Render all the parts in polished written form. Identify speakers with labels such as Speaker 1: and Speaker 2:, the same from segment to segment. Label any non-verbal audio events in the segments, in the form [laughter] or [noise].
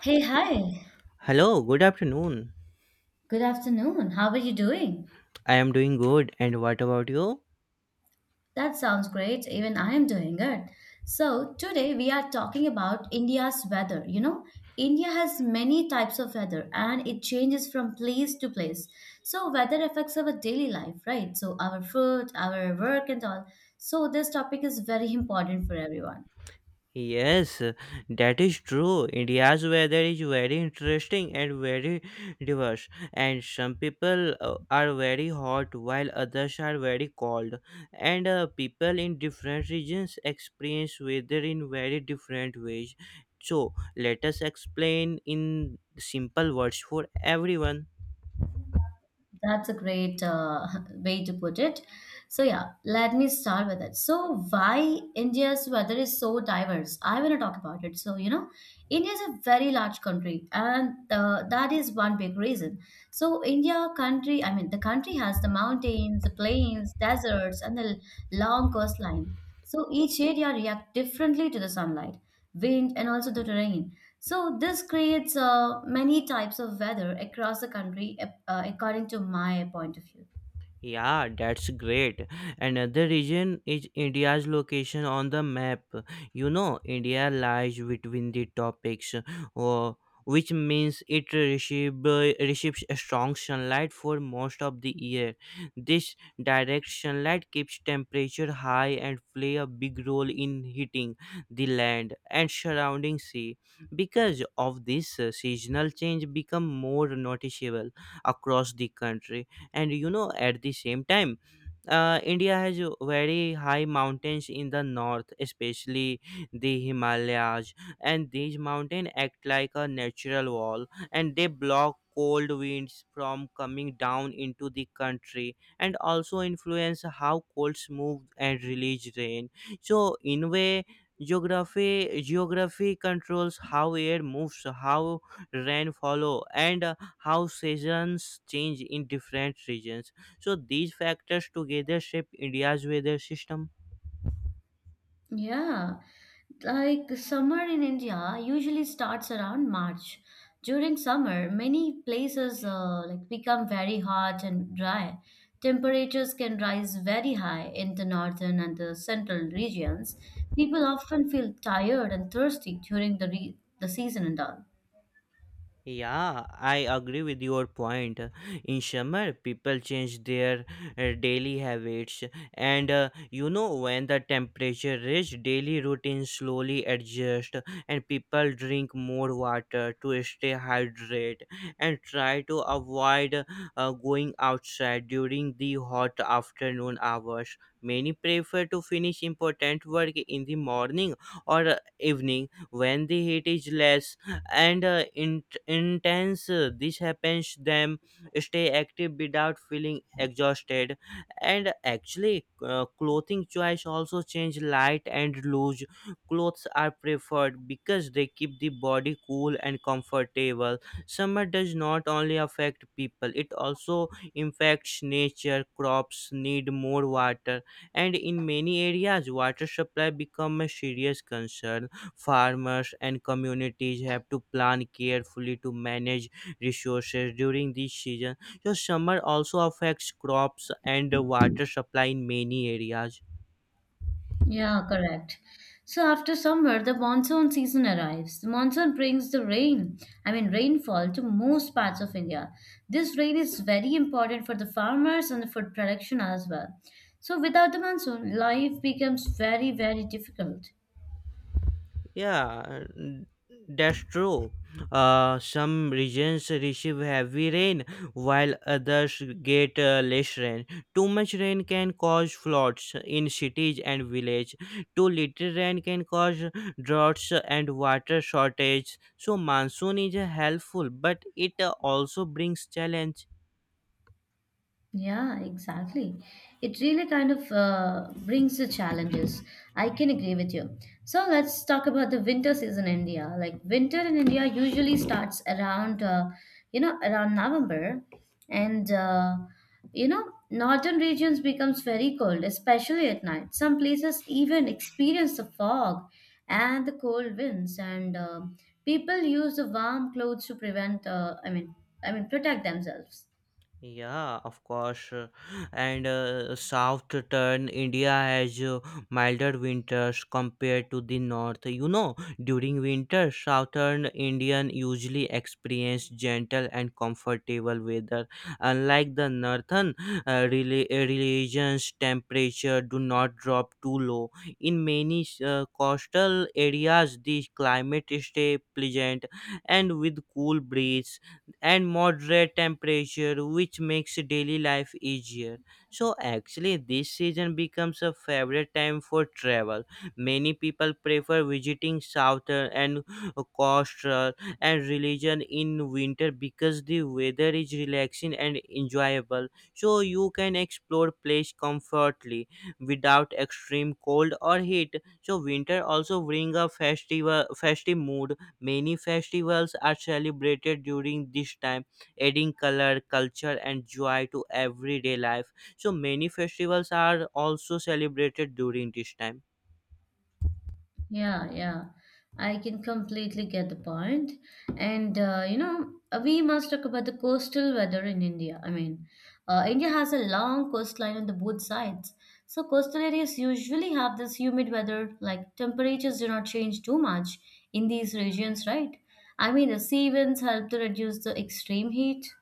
Speaker 1: Hey, hi.
Speaker 2: Hello, good afternoon.
Speaker 1: Good afternoon. How are you doing?
Speaker 2: I am doing good. And what about you?
Speaker 1: That sounds great. Even I am doing good. So, today we are talking about India's weather. You know, India has many types of weather and it changes from place to place. So, weather affects our daily life, right? So, our food, our work, and all. So, this topic is very important for everyone.
Speaker 2: Yes, that is true. India's weather is very interesting and very diverse. And some people are very hot while others are very cold. And people in different regions experience weather in very different ways. So, let us explain in simple words for everyone.
Speaker 1: That's a great [laughs] way to put it. So, yeah, let me start with it. So, why India's weather is so diverse? I want to talk about it. So, you know, India is a very large country, and that is one big reason. So, I mean, the country has the mountains, the plains, deserts, and the long coastline. So, each area react differently to the sunlight, wind, and also the terrain. So this creates many types of weather across the country, according to my point of view.
Speaker 2: Yeah, that's great. Another reason is India's location on the map. You know, India lies between the topics, uh, which means it receives a strong sunlight for most of the year. This direct sunlight keeps temperature high and play a big role in heating the land and surrounding sea. Because of this, seasonal change become more noticeable across the country, and you know, at the same time, India has very high mountains in the north, especially the Himalayas, and these mountains act like a natural wall and they block cold winds from coming down into the country and also influence how colds move and release rain. So, in way, geography controls how air moves, how rainfall, and how seasons change in different regions. So these factors together shape India's weather system.
Speaker 1: Yeah, like summer in India usually starts around March. During summer, many places like become very hot and dry. Temperatures can rise very high in the northern and the central regions. People often feel tired and thirsty during the season and all.
Speaker 2: Yeah, I agree with your point. In summer, people change their daily habits, and you know, when the temperature is, daily routines slowly adjust, and people drink more water to stay hydrated and try to avoid going outside during the hot afternoon hours. Many prefer to finish important work in the morning or evening when the heat is less and intense this happens them stay active without feeling exhausted. And actually, clothing choice also change, light and loose clothes are preferred because they keep the body cool and comfortable. Summer does not only affect people, it also impacts nature. Crops need more water, and in many areas water supply become a serious concern. Farmers and communities have to plan carefully to manage resources during this season. So summer also affects crops and water supply in many areas.
Speaker 1: Yeah, correct. So after summer, the monsoon season arrives. The monsoon brings the rain, I mean rainfall to most parts of India. This rain is very important for the farmers and the food production as well. So without the monsoon, life becomes very, very difficult.
Speaker 2: Yeah, n- that's true. Some regions receive heavy rain while others get less rain. Too much rain can cause floods in cities and villages. Too little rain can cause droughts and water shortage. So monsoon is helpful, but it also brings challenge.
Speaker 1: Yeah, exactly. It really kind of brings the challenges. I can agree with you. So let's talk about the winter season in India. Like winter in India usually starts around, you know, around November, and you know, northern regions becomes very cold, especially at night. Some places even experience the fog and the cold winds, and people use the warm clothes to prevent. I mean, protect themselves.
Speaker 2: Yeah, of course. And south India has milder winters compared to the north. You know, during winter, southern Indian usually experience gentle and comfortable weather. Unlike the northern regions, temperature do not drop too low. In many coastal areas, the climate stay pleasant and with cool breeze and moderate temperature, which makes daily life easier. So actually, this season becomes a favorite time for travel. Many people prefer visiting southern and coastal and religion in winter because the weather is relaxing and enjoyable, so you can explore place comfortably without extreme cold or heat. So winter also bring a festival festive mood. Many festivals are celebrated during this time, adding color, culture, and joy to everyday life. So, many festivals are also celebrated during this time.
Speaker 1: Yeah, yeah. I can completely get the point. And, you know, we must talk about the coastal weather in India. I mean, India has a long coastline on the both sides. So coastal areas usually have this humid weather, like temperatures do not change too much in these regions, right? I mean, the sea winds help to reduce the extreme heat.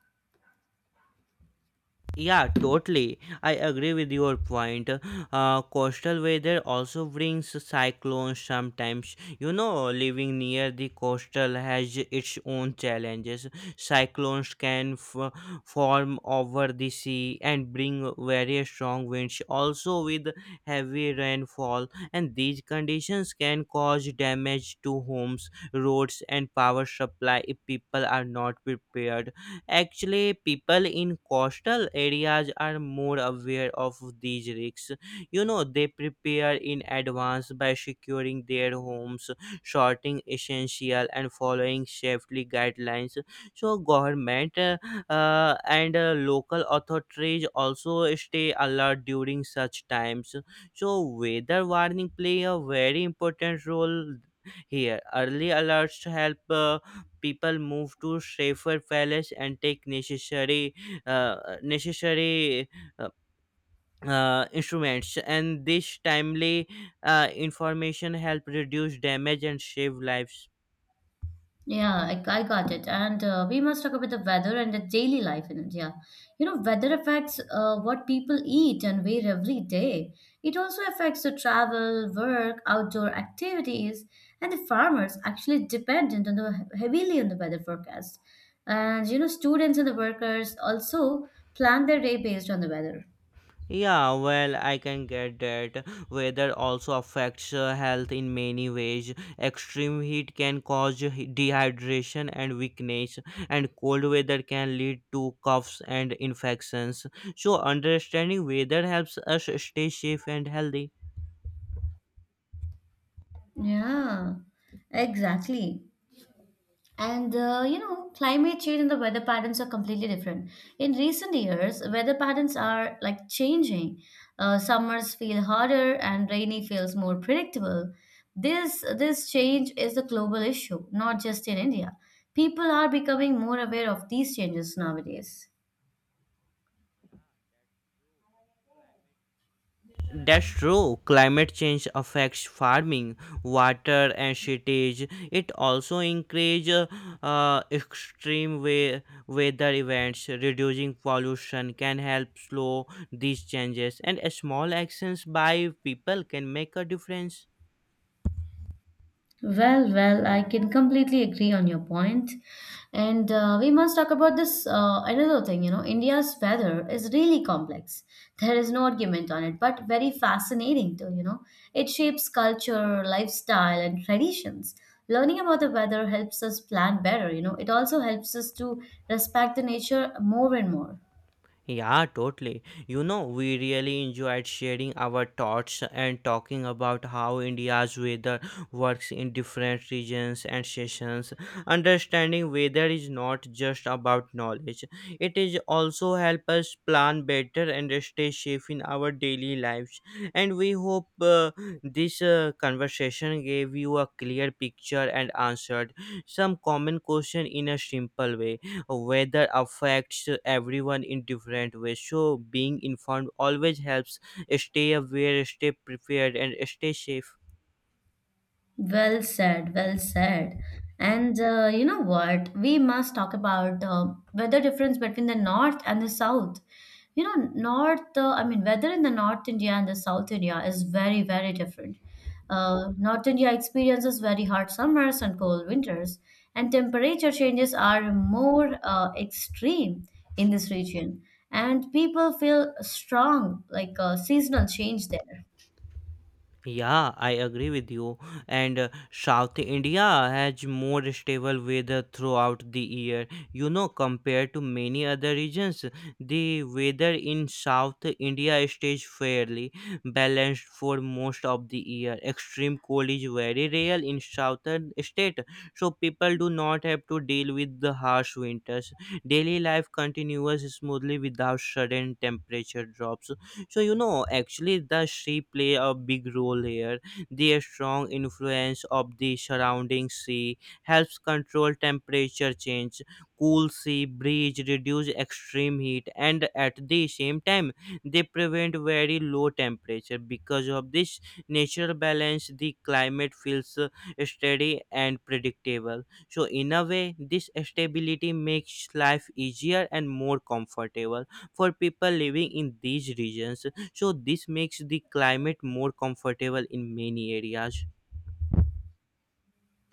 Speaker 2: Yeah, totally. I agree with your point. Coastal weather also brings cyclones sometimes. You know, living near the coastal has its own challenges. Cyclones can f- form over the sea and bring very strong winds, also with heavy rainfall, and these conditions can cause damage to homes, roads, and power supply if people are not prepared. Actually, people in coastal areas are more aware of these risks. You know, they prepare in advance by securing their homes, sorting essential, and following safety guidelines. So, government and local authorities also stay alert during such times. So, weather warning play a very important role here. Early alerts help. People move to safer palace and take uh, necessary uh, instruments, and this timely information help reduce damage and save lives.
Speaker 1: Yeah, I got it. And we must talk about the weather and the daily life in India. You know, weather affects what people eat and wear every day. It also affects the travel, work, outdoor activities, and the farmers actually depend heavily on the weather forecast. And you know, students and the workers also plan their day based on the weather.
Speaker 2: Yeah, well, I can get that. Weather also affects health in many ways. Extreme heat can cause dehydration and weakness, and cold weather can lead to coughs and infections. So, understanding weather helps us stay safe and healthy.
Speaker 1: Yeah, exactly. And you know, climate change and the weather patterns are completely different. In recent years, weather patterns are like changing. Summers feel hotter and rainy feels more predictable. This change is a global issue, not just in India. People are becoming more aware of these changes nowadays.
Speaker 2: That's true. Climate change affects farming, water, and shortage. It also increases extreme weather events. Reducing pollution can help slow these changes, and small actions by people can make a difference.
Speaker 1: Well, well, I can completely agree on your point. And we must talk about this another thing. You know, India's weather is really complex. There is no argument on it, but very fascinating too, you know. It shapes culture, lifestyle, and traditions. Learning about the weather helps us plan better, you know. It also helps us to respect the nature more and more.
Speaker 2: Yeah, totally. You know, we really enjoyed sharing our thoughts and talking about how India's weather works in different regions and seasons. Understanding weather is not just about knowledge, it is also help us plan better and stay safe in our daily lives. And we hope this conversation gave you a clear picture and answered some common question in a simple way. Weather affects everyone in different ways, so being informed always helps. Stay aware, stay prepared, and stay safe.
Speaker 1: Well said, well said. And you know what? We must talk about weather difference between the north and the south. You know, I mean, weather in the North India and the South India is very, very different. North India experiences very hot summers and cold winters, and temperature changes are more extreme in this region. And people feel strong, like seasonal change there.
Speaker 2: Yeah, I agree with you. And South India has more stable weather throughout the year. You know, compared to many other regions, the weather in South India stays fairly balanced for most of the year. Extreme cold is very rare in southern state, so people do not have to deal with the harsh winters. Daily life continues smoothly without sudden temperature drops. So you know, actually, the sea play a big role here. Their strong influence of the surrounding sea helps control temperature change. Cool sea breeze reduce extreme heat, and at the same time, they prevent very low temperature. Because of this natural balance, the climate feels steady and predictable. So in a way, this stability makes life easier and more comfortable for people living in these regions. So this makes the climate more comfortable in many areas.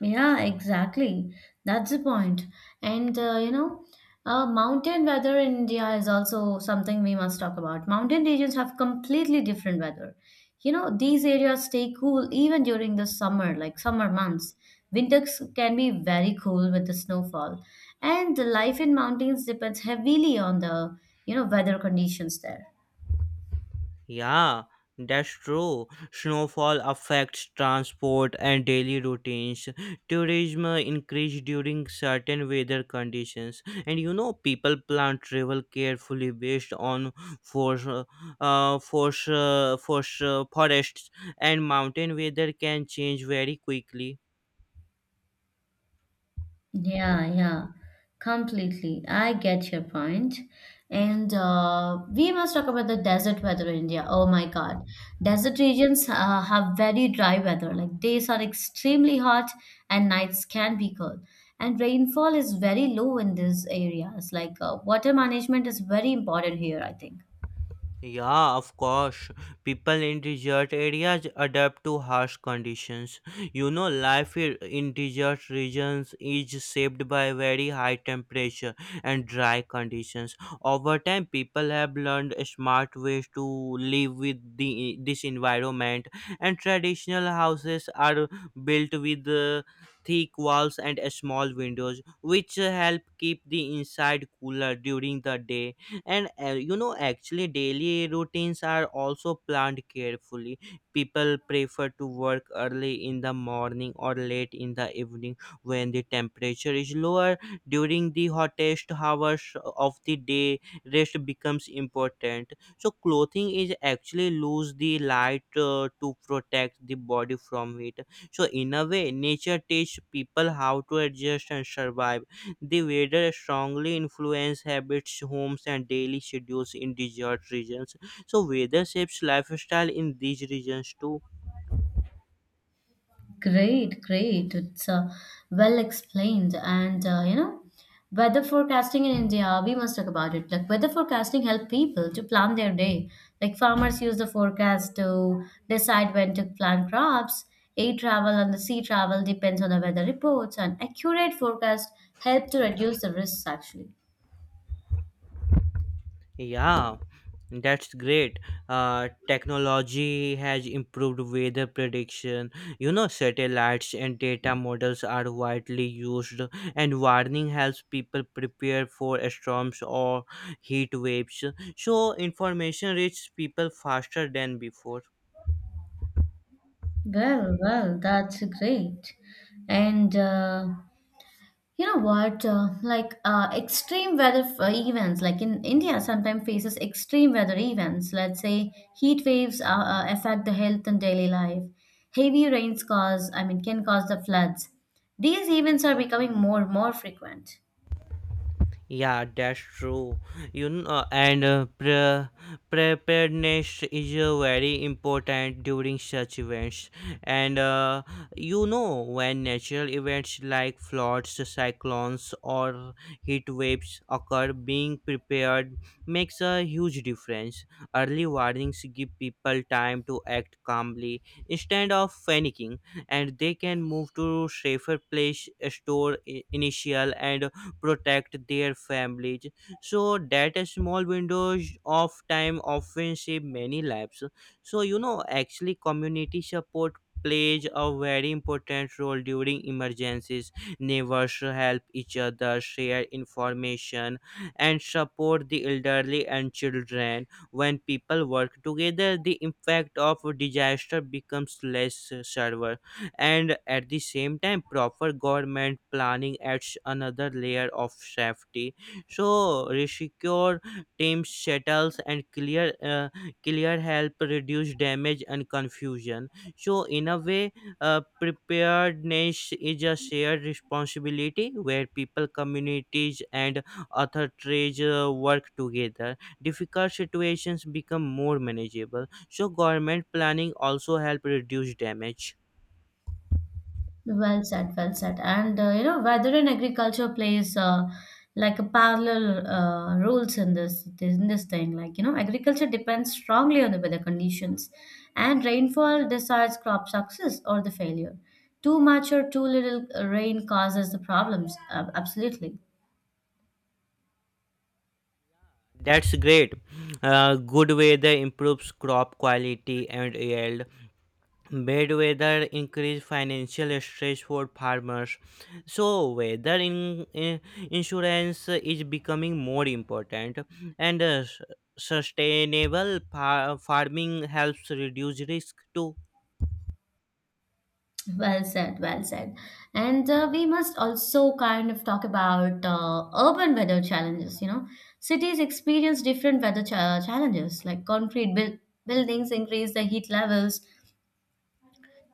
Speaker 1: Yeah, exactly. That's the point. And you know, mountain weather in India is also something we must talk about. Mountain regions have completely different weather. You know, these areas stay cool even during the summer, like summer months. Winters can be very cool with the snowfall. And the life in mountains depends heavily on the weather conditions there.
Speaker 2: Yeah, that's true. Snowfall affects transport and daily routines. Tourism increase during certain weather conditions, and you know, people plan travel carefully based on forests, and mountain weather can change very quickly.
Speaker 1: Yeah, yeah, completely. I get your point. And we must talk about the desert weather in India. Oh my God. Desert regions have very dry weather. Like days are extremely hot and nights can be cold. And rainfall is very low in these areas. Like water management is very important here, I think.
Speaker 2: Yeah, of course. People in desert areas adapt to harsh conditions. You know, in desert regions is shaped by very high temperature and dry conditions. Over time, people have learned smart ways to live with this environment, and traditional houses are built with thick walls and small windows, which help keep the inside cooler during the day. And you know, actually, daily routines are also planned carefully. People prefer to work early in the morning or late in the evening when the temperature is lower. During the hottest hours of the day, rest becomes important. So clothing is actually lose the light to protect the body from it. So in a way, nature teaches people how to adjust and survive. The weather strongly influences habits, homes, and daily schedules in desert regions. So, weather shapes lifestyle in these regions too.
Speaker 1: Great, great. It's well explained. And, you know, weather forecasting in India, we must talk about it. Like, weather forecasting help people to plan their day. Like, farmers use the forecast to decide when to plant crops. Air travel and the sea travel depends on the weather reports, and accurate forecast help to reduce the risks, actually.
Speaker 2: Yeah, that's great. Technology has improved weather prediction. You know, satellites and data models are widely used, and warning helps people prepare for storms or heat waves. So, information reaches people faster than before.
Speaker 1: Well, well, that's great. And you know what? Like extreme weather events, like in India, sometimes faces extreme weather events. Let's say heat waves affect the health and daily life. Heavy rains cause, I mean, can cause the floods. These events are becoming more frequent.
Speaker 2: Yeah, that's true. You know, and preparedness is very important during such events. And you know, when natural events like floods, cyclones, or heat waves occur, being prepared makes a huge difference. Early warnings give people time to act calmly instead of panicking, and they can move to safer place, initial and protect their families. So that small windows of time often save many lives. So you know, actually, community support plays a very important role during emergencies. Neighbors help each other, share information, and support the elderly and children. When people work together, the impact of disaster becomes less severe, and at the same time, proper government planning adds another layer of safety. So resecure teams, shuttles, and clear help reduce damage and confusion. So in a way, preparedness is a shared responsibility where people, communities, and authorities work together, difficult situations become more manageable. So government planning also help reduce damage.
Speaker 1: Well said, well said. And you know, weather and agriculture plays like a parallel roles in this thing. Like you know, agriculture depends strongly on the weather conditions, and rainfall decides crop success or the failure. Too much or too little rain causes the problems. Absolutely.
Speaker 2: That's great. Good weather improves crop quality and yield. Bad weather increase financial stress for farmers. So weather insurance is becoming more important, and sustainable farming helps reduce risk too.
Speaker 1: Well said, well said. And we must also kind of talk about urban weather challenges. You know, cities experience different weather challenges, like concrete buildings increase the heat levels,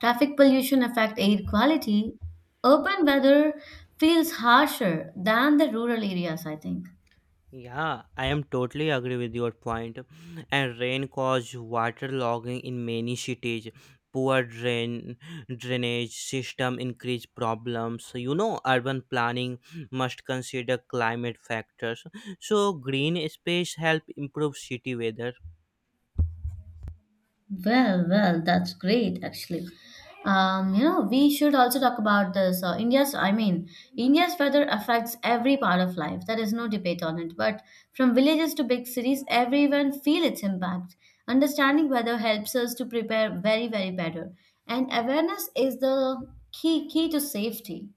Speaker 1: traffic pollution affect air quality. Urban weather feels harsher than the rural areas, I think.
Speaker 2: Yeah, I am totally agree with your point. And rain cause waterlogging in many cities. Poor drainage system increase problems. So, you know, urban planning must consider climate factors. So green space help improve city weather.
Speaker 1: Well, well, that's great actually. You know, we should also talk about this. I mean, India's weather affects every part of life. There is no debate on it. But from villages to big cities, everyone feel its impact. Understanding weather helps us to prepare very, very better. And awareness is the key to safety.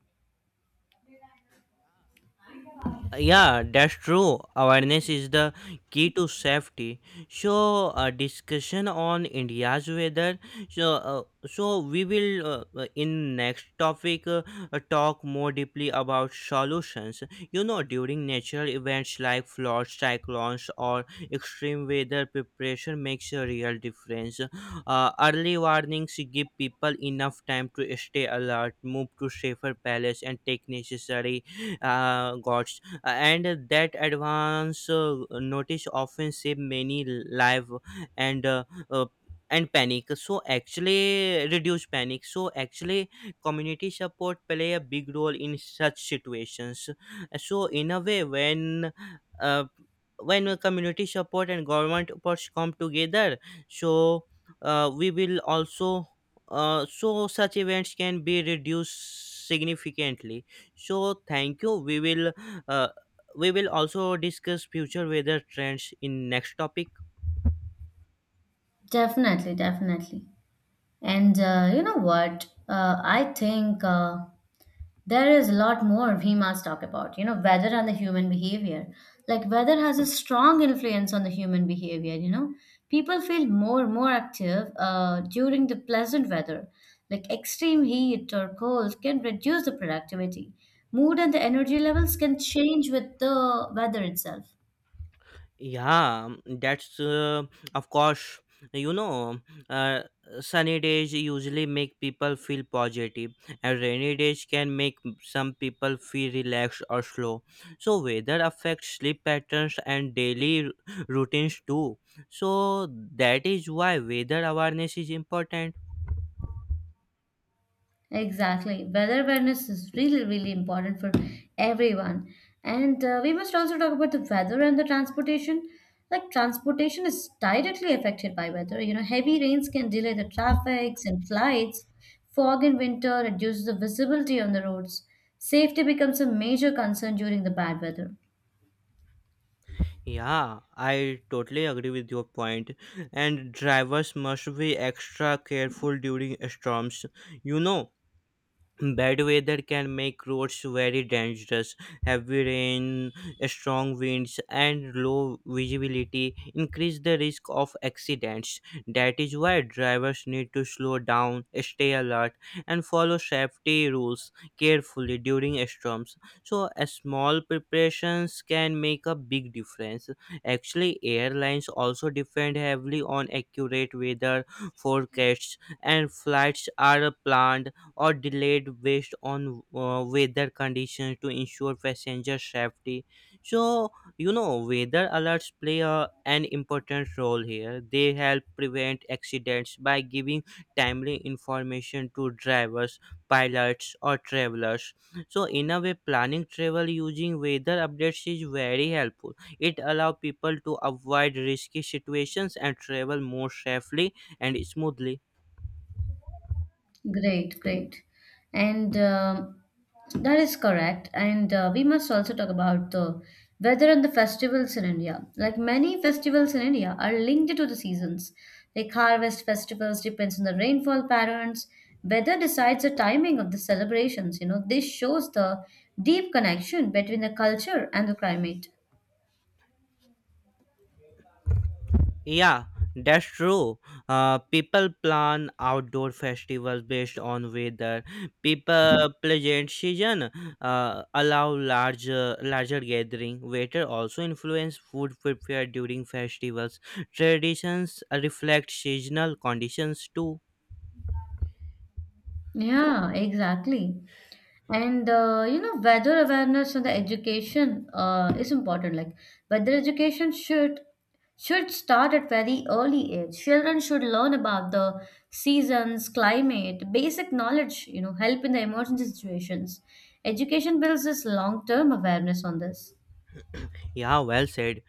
Speaker 2: Yeah, that's true. Awareness is the key to safety. So, a discussion on India's weather. So, so we will in next topic talk more deeply about solutions. You know, during natural events like floods, cyclones, or extreme weather, preparation makes a real difference. Early warnings give people enough time to stay alert, move to safer places, and take necessary guards, and that advance notice often save many live. And uh, uh, and panic so actually Reduce panic, so actually community support play a big role in such situations. So in a way, uh, when a community support and government efforts come together, so we will also so such events can be reduced significantly. So thank you, uh, we will also discuss future weather trends in next topic.
Speaker 1: Definitely, definitely. And you know what? I think there is a lot more we must talk about, you know, weather and the human behavior. Like weather has a strong influence on the human behavior, you know. People feel more active during the pleasant weather. Like extreme heat or cold can reduce the productivity. Mood and the energy levels can change with the weather itself.
Speaker 2: Yeah, that's of course. you know uh, Sunny days usually make people feel positive, and rainy days can make some people feel relaxed or slow. So weather affects sleep patterns and daily routines too. So that is why weather awareness is important.
Speaker 1: Exactly. Weather awareness is really, really important for everyone. And we must also talk about the weather and the transportation. Like, transportation is directly affected by weather. You know, heavy rains can delay the traffics and flights. Fog in winter reduces the visibility on the roads. Safety becomes a major concern during the bad weather.
Speaker 2: Yeah, I totally agree with your point. And drivers must be extra careful during storms. You know, bad weather can make roads very dangerous. Heavy rain, strong winds, and low visibility increase the risk of accidents. That is why drivers need to slow down, stay alert, and follow safety rules carefully during storms. So a small preparations can make a big difference. Actually, airlines also depend heavily on accurate weather forecasts, and flights are planned or delayed based on weather conditions to ensure passenger safety. So you know, weather alerts play a, an important role here. They help prevent accidents by giving timely information to drivers, pilots, or travelers. So in a way, planning travel using weather updates is very helpful. It allows people to avoid risky situations and travel more safely and smoothly.
Speaker 1: Great, great. And that is correct. And we must also talk about the weather and the festivals in India. Like many festivals in India are linked to the seasons. Like harvest festivals depends on the rainfall patterns. Weather decides the timing of the celebrations. You know, this shows the deep connection between the culture and the climate.
Speaker 2: Yeah, that's true. People plan outdoor festivals based on weather. People pleasant season allow larger gathering. Weather also influence food prepared during festivals. Traditions reflect seasonal conditions too.
Speaker 1: Yeah, exactly. And you know, weather awareness and the education is important. Like weather education should start at very early age. Children should learn about the seasons, climate, basic knowledge. You know, help in the emergency situations. Education builds this long term awareness on this.
Speaker 2: Yeah, well said.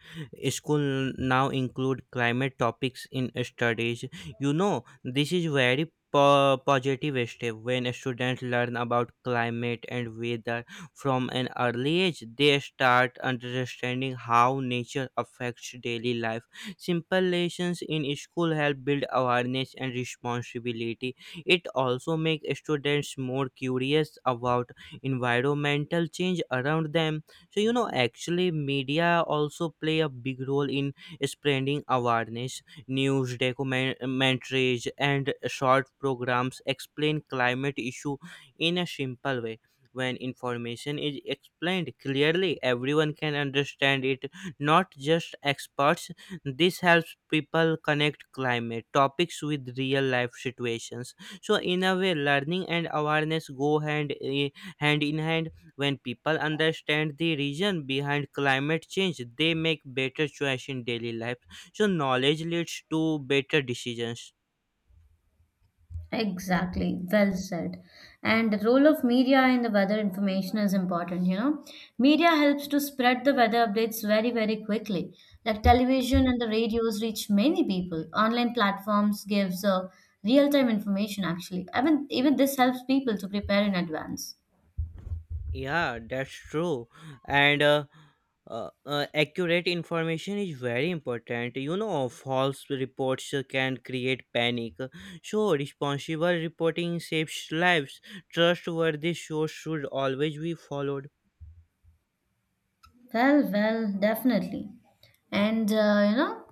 Speaker 2: School now include climate topics in studies. You know, this is very positive step. When students learn about climate and weather from an early age, they start understanding how nature affects daily life. Simple lessons in school help build awareness and responsibility. It also makes students more curious about environmental change around them. So you know, actually media also play a big role in spreading awareness. News, documentaries, and short programs explain climate issue in a simple way. When information is explained clearly, everyone can understand it, not just experts. This helps people connect climate topics with real life situations. So in a way, learning and awareness go hand in hand. When people understand the reason behind climate change, they make better choice in daily life. So knowledge leads to better decisions.
Speaker 1: Exactly, well said. And the role of media in the weather information is important, you know. Media helps to spread the weather updates very, very quickly. Like television and the radios reach many people. Online platforms gives real-time information actually. I mean, even this helps people to prepare in advance.
Speaker 2: Yeah, that's true. And Accurate information is very important. You know, false reports can create panic. So responsible reporting saves lives. Trustworthy source should always be followed.
Speaker 1: Well, well, definitely. And you know,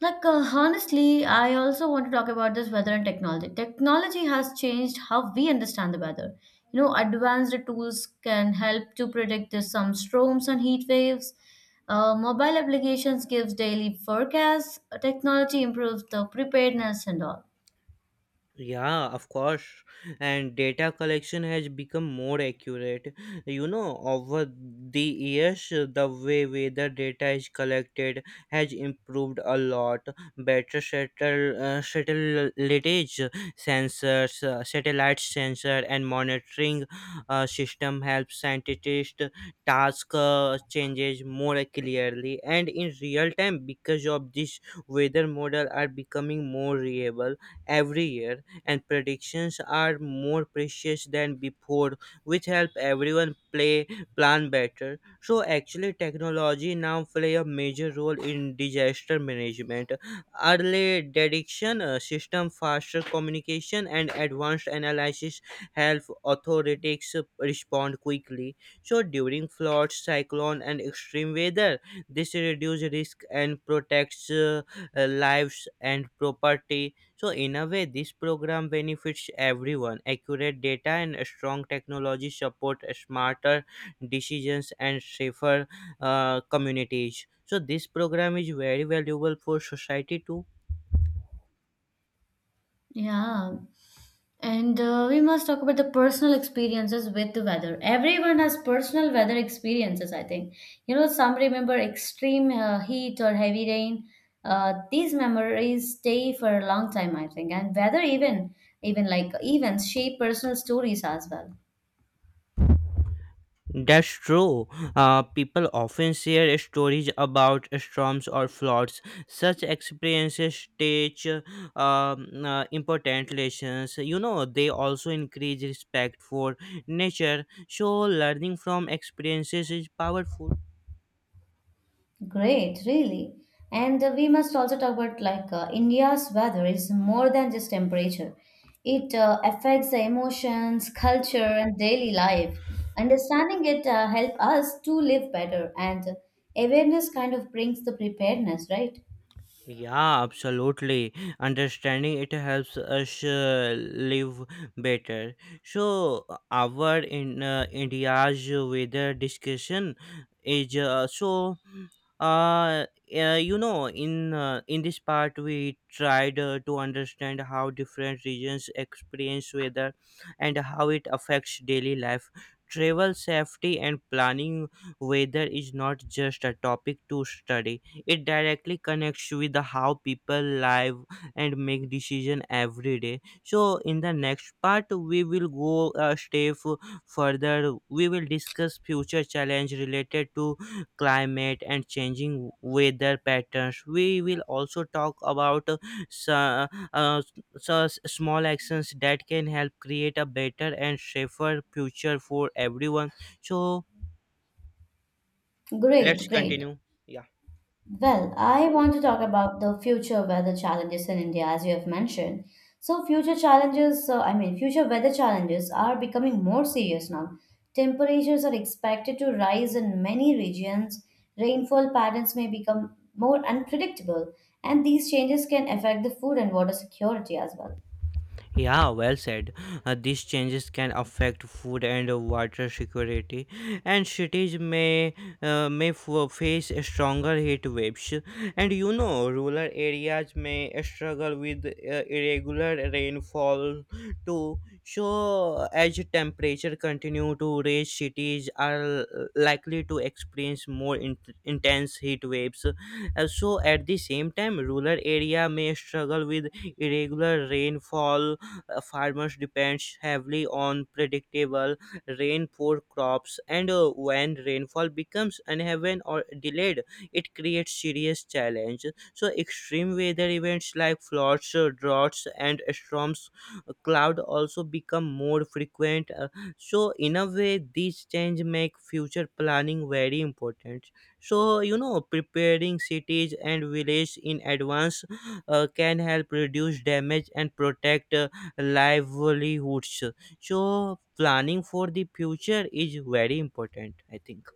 Speaker 1: like honestly, I also want to talk about this weather and technology. Technology has changed how we understand the weather. You know, advanced tools can help to predict some storms and heat waves. Mobile applications gives daily forecasts. Technology improves the preparedness and all.
Speaker 2: Yeah, of course. And data collection has become more accurate. You know, over the years, the way weather data is collected has improved a lot. Better satellite satellitage sensors, satellite sensor, and monitoring system help scientists task changes more clearly and in real time. Because of this, weather model are becoming more reliable every year, and predictions are more precious than before, which help everyone play plan better. So actually, technology now play a major role in disaster management. Early detection system, faster communication, and advanced analysis help authorities respond quickly. So during floods, cyclone, and extreme weather, this reduces risk and protects lives and property. So in a way, this program benefits everyone. Accurate data and a strong technology support smarter decisions and safer communities. So this program is very valuable for society too.
Speaker 1: Yeah. And we must talk about the personal experiences with the weather. Everyone has personal weather experiences, I think. You know, some remember extreme heat or heavy rain. These memories stay for a long time, I think. And weather even like events shape personal stories as well.
Speaker 2: That's true. People often share stories about storms or floods. Such experiences teach important lessons. You know, they also increase respect for nature. So learning from experiences is powerful.
Speaker 1: Great, really. And we must also talk about like India's weather is more than just temperature. It affects the emotions, culture, and daily life. Understanding it help us to live better, and awareness kind of brings the preparedness, right?
Speaker 2: Yeah, absolutely. Understanding it helps us live better. So, our in India's weather discussion is Uh, you know, in this part, we tried to understand how different regions experience weather and how it affects daily life. Travel safety and planning, weather is not just a topic to study. It directly connects with the how people live and make decision every day. So in the next part, we will go a step further. We will discuss future challenge related to climate and changing weather patterns. We will also talk about so, uh, so small actions that can help create a better and safer future for everyone. So let's
Speaker 1: Great, great.
Speaker 2: continue. Yeah.
Speaker 1: Well, I want to talk about the future weather challenges in India, as you have mentioned. So, future challenges, I mean, future weather challenges are becoming more serious now. Temperatures are expected to rise in many regions, rainfall patterns may become more unpredictable, and these changes can affect the food and water security as well.
Speaker 2: Yeah, well said. These changes can affect food and water security, and cities may face stronger heat waves. And you know, rural areas may struggle with irregular rainfall too. So, as temperature continue to rise, cities are likely to experience more intense heat waves. Also, at the same time, rural area may struggle with irregular rainfall. Farmers depend heavily on predictable rain for crops, and when rainfall becomes uneven or delayed, it creates serious challenge. So, extreme weather events like floods, droughts, and storms, cloud also become more frequent. So in a way, these change make future planning very important. So you know, preparing cities and villages in advance can help reduce damage and protect livelihoods. So planning for the future is very important, I think.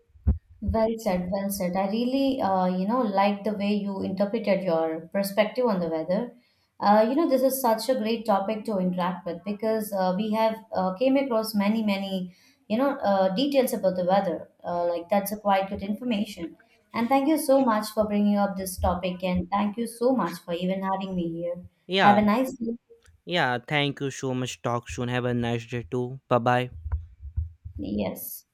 Speaker 1: Well said, well said. I really, you know, like the way you interpreted your perspective on the weather. You know, this is such a great topic to interact with because we have came across many, many, you know, details about the weather. Like that's a quite good information. And thank you so much for bringing up this topic, and thank you so much for even having me here.
Speaker 2: Yeah.
Speaker 1: Have a nice day.
Speaker 2: Yeah, thank you so much. Talk soon. Have a nice day too. Bye bye.
Speaker 1: Yes.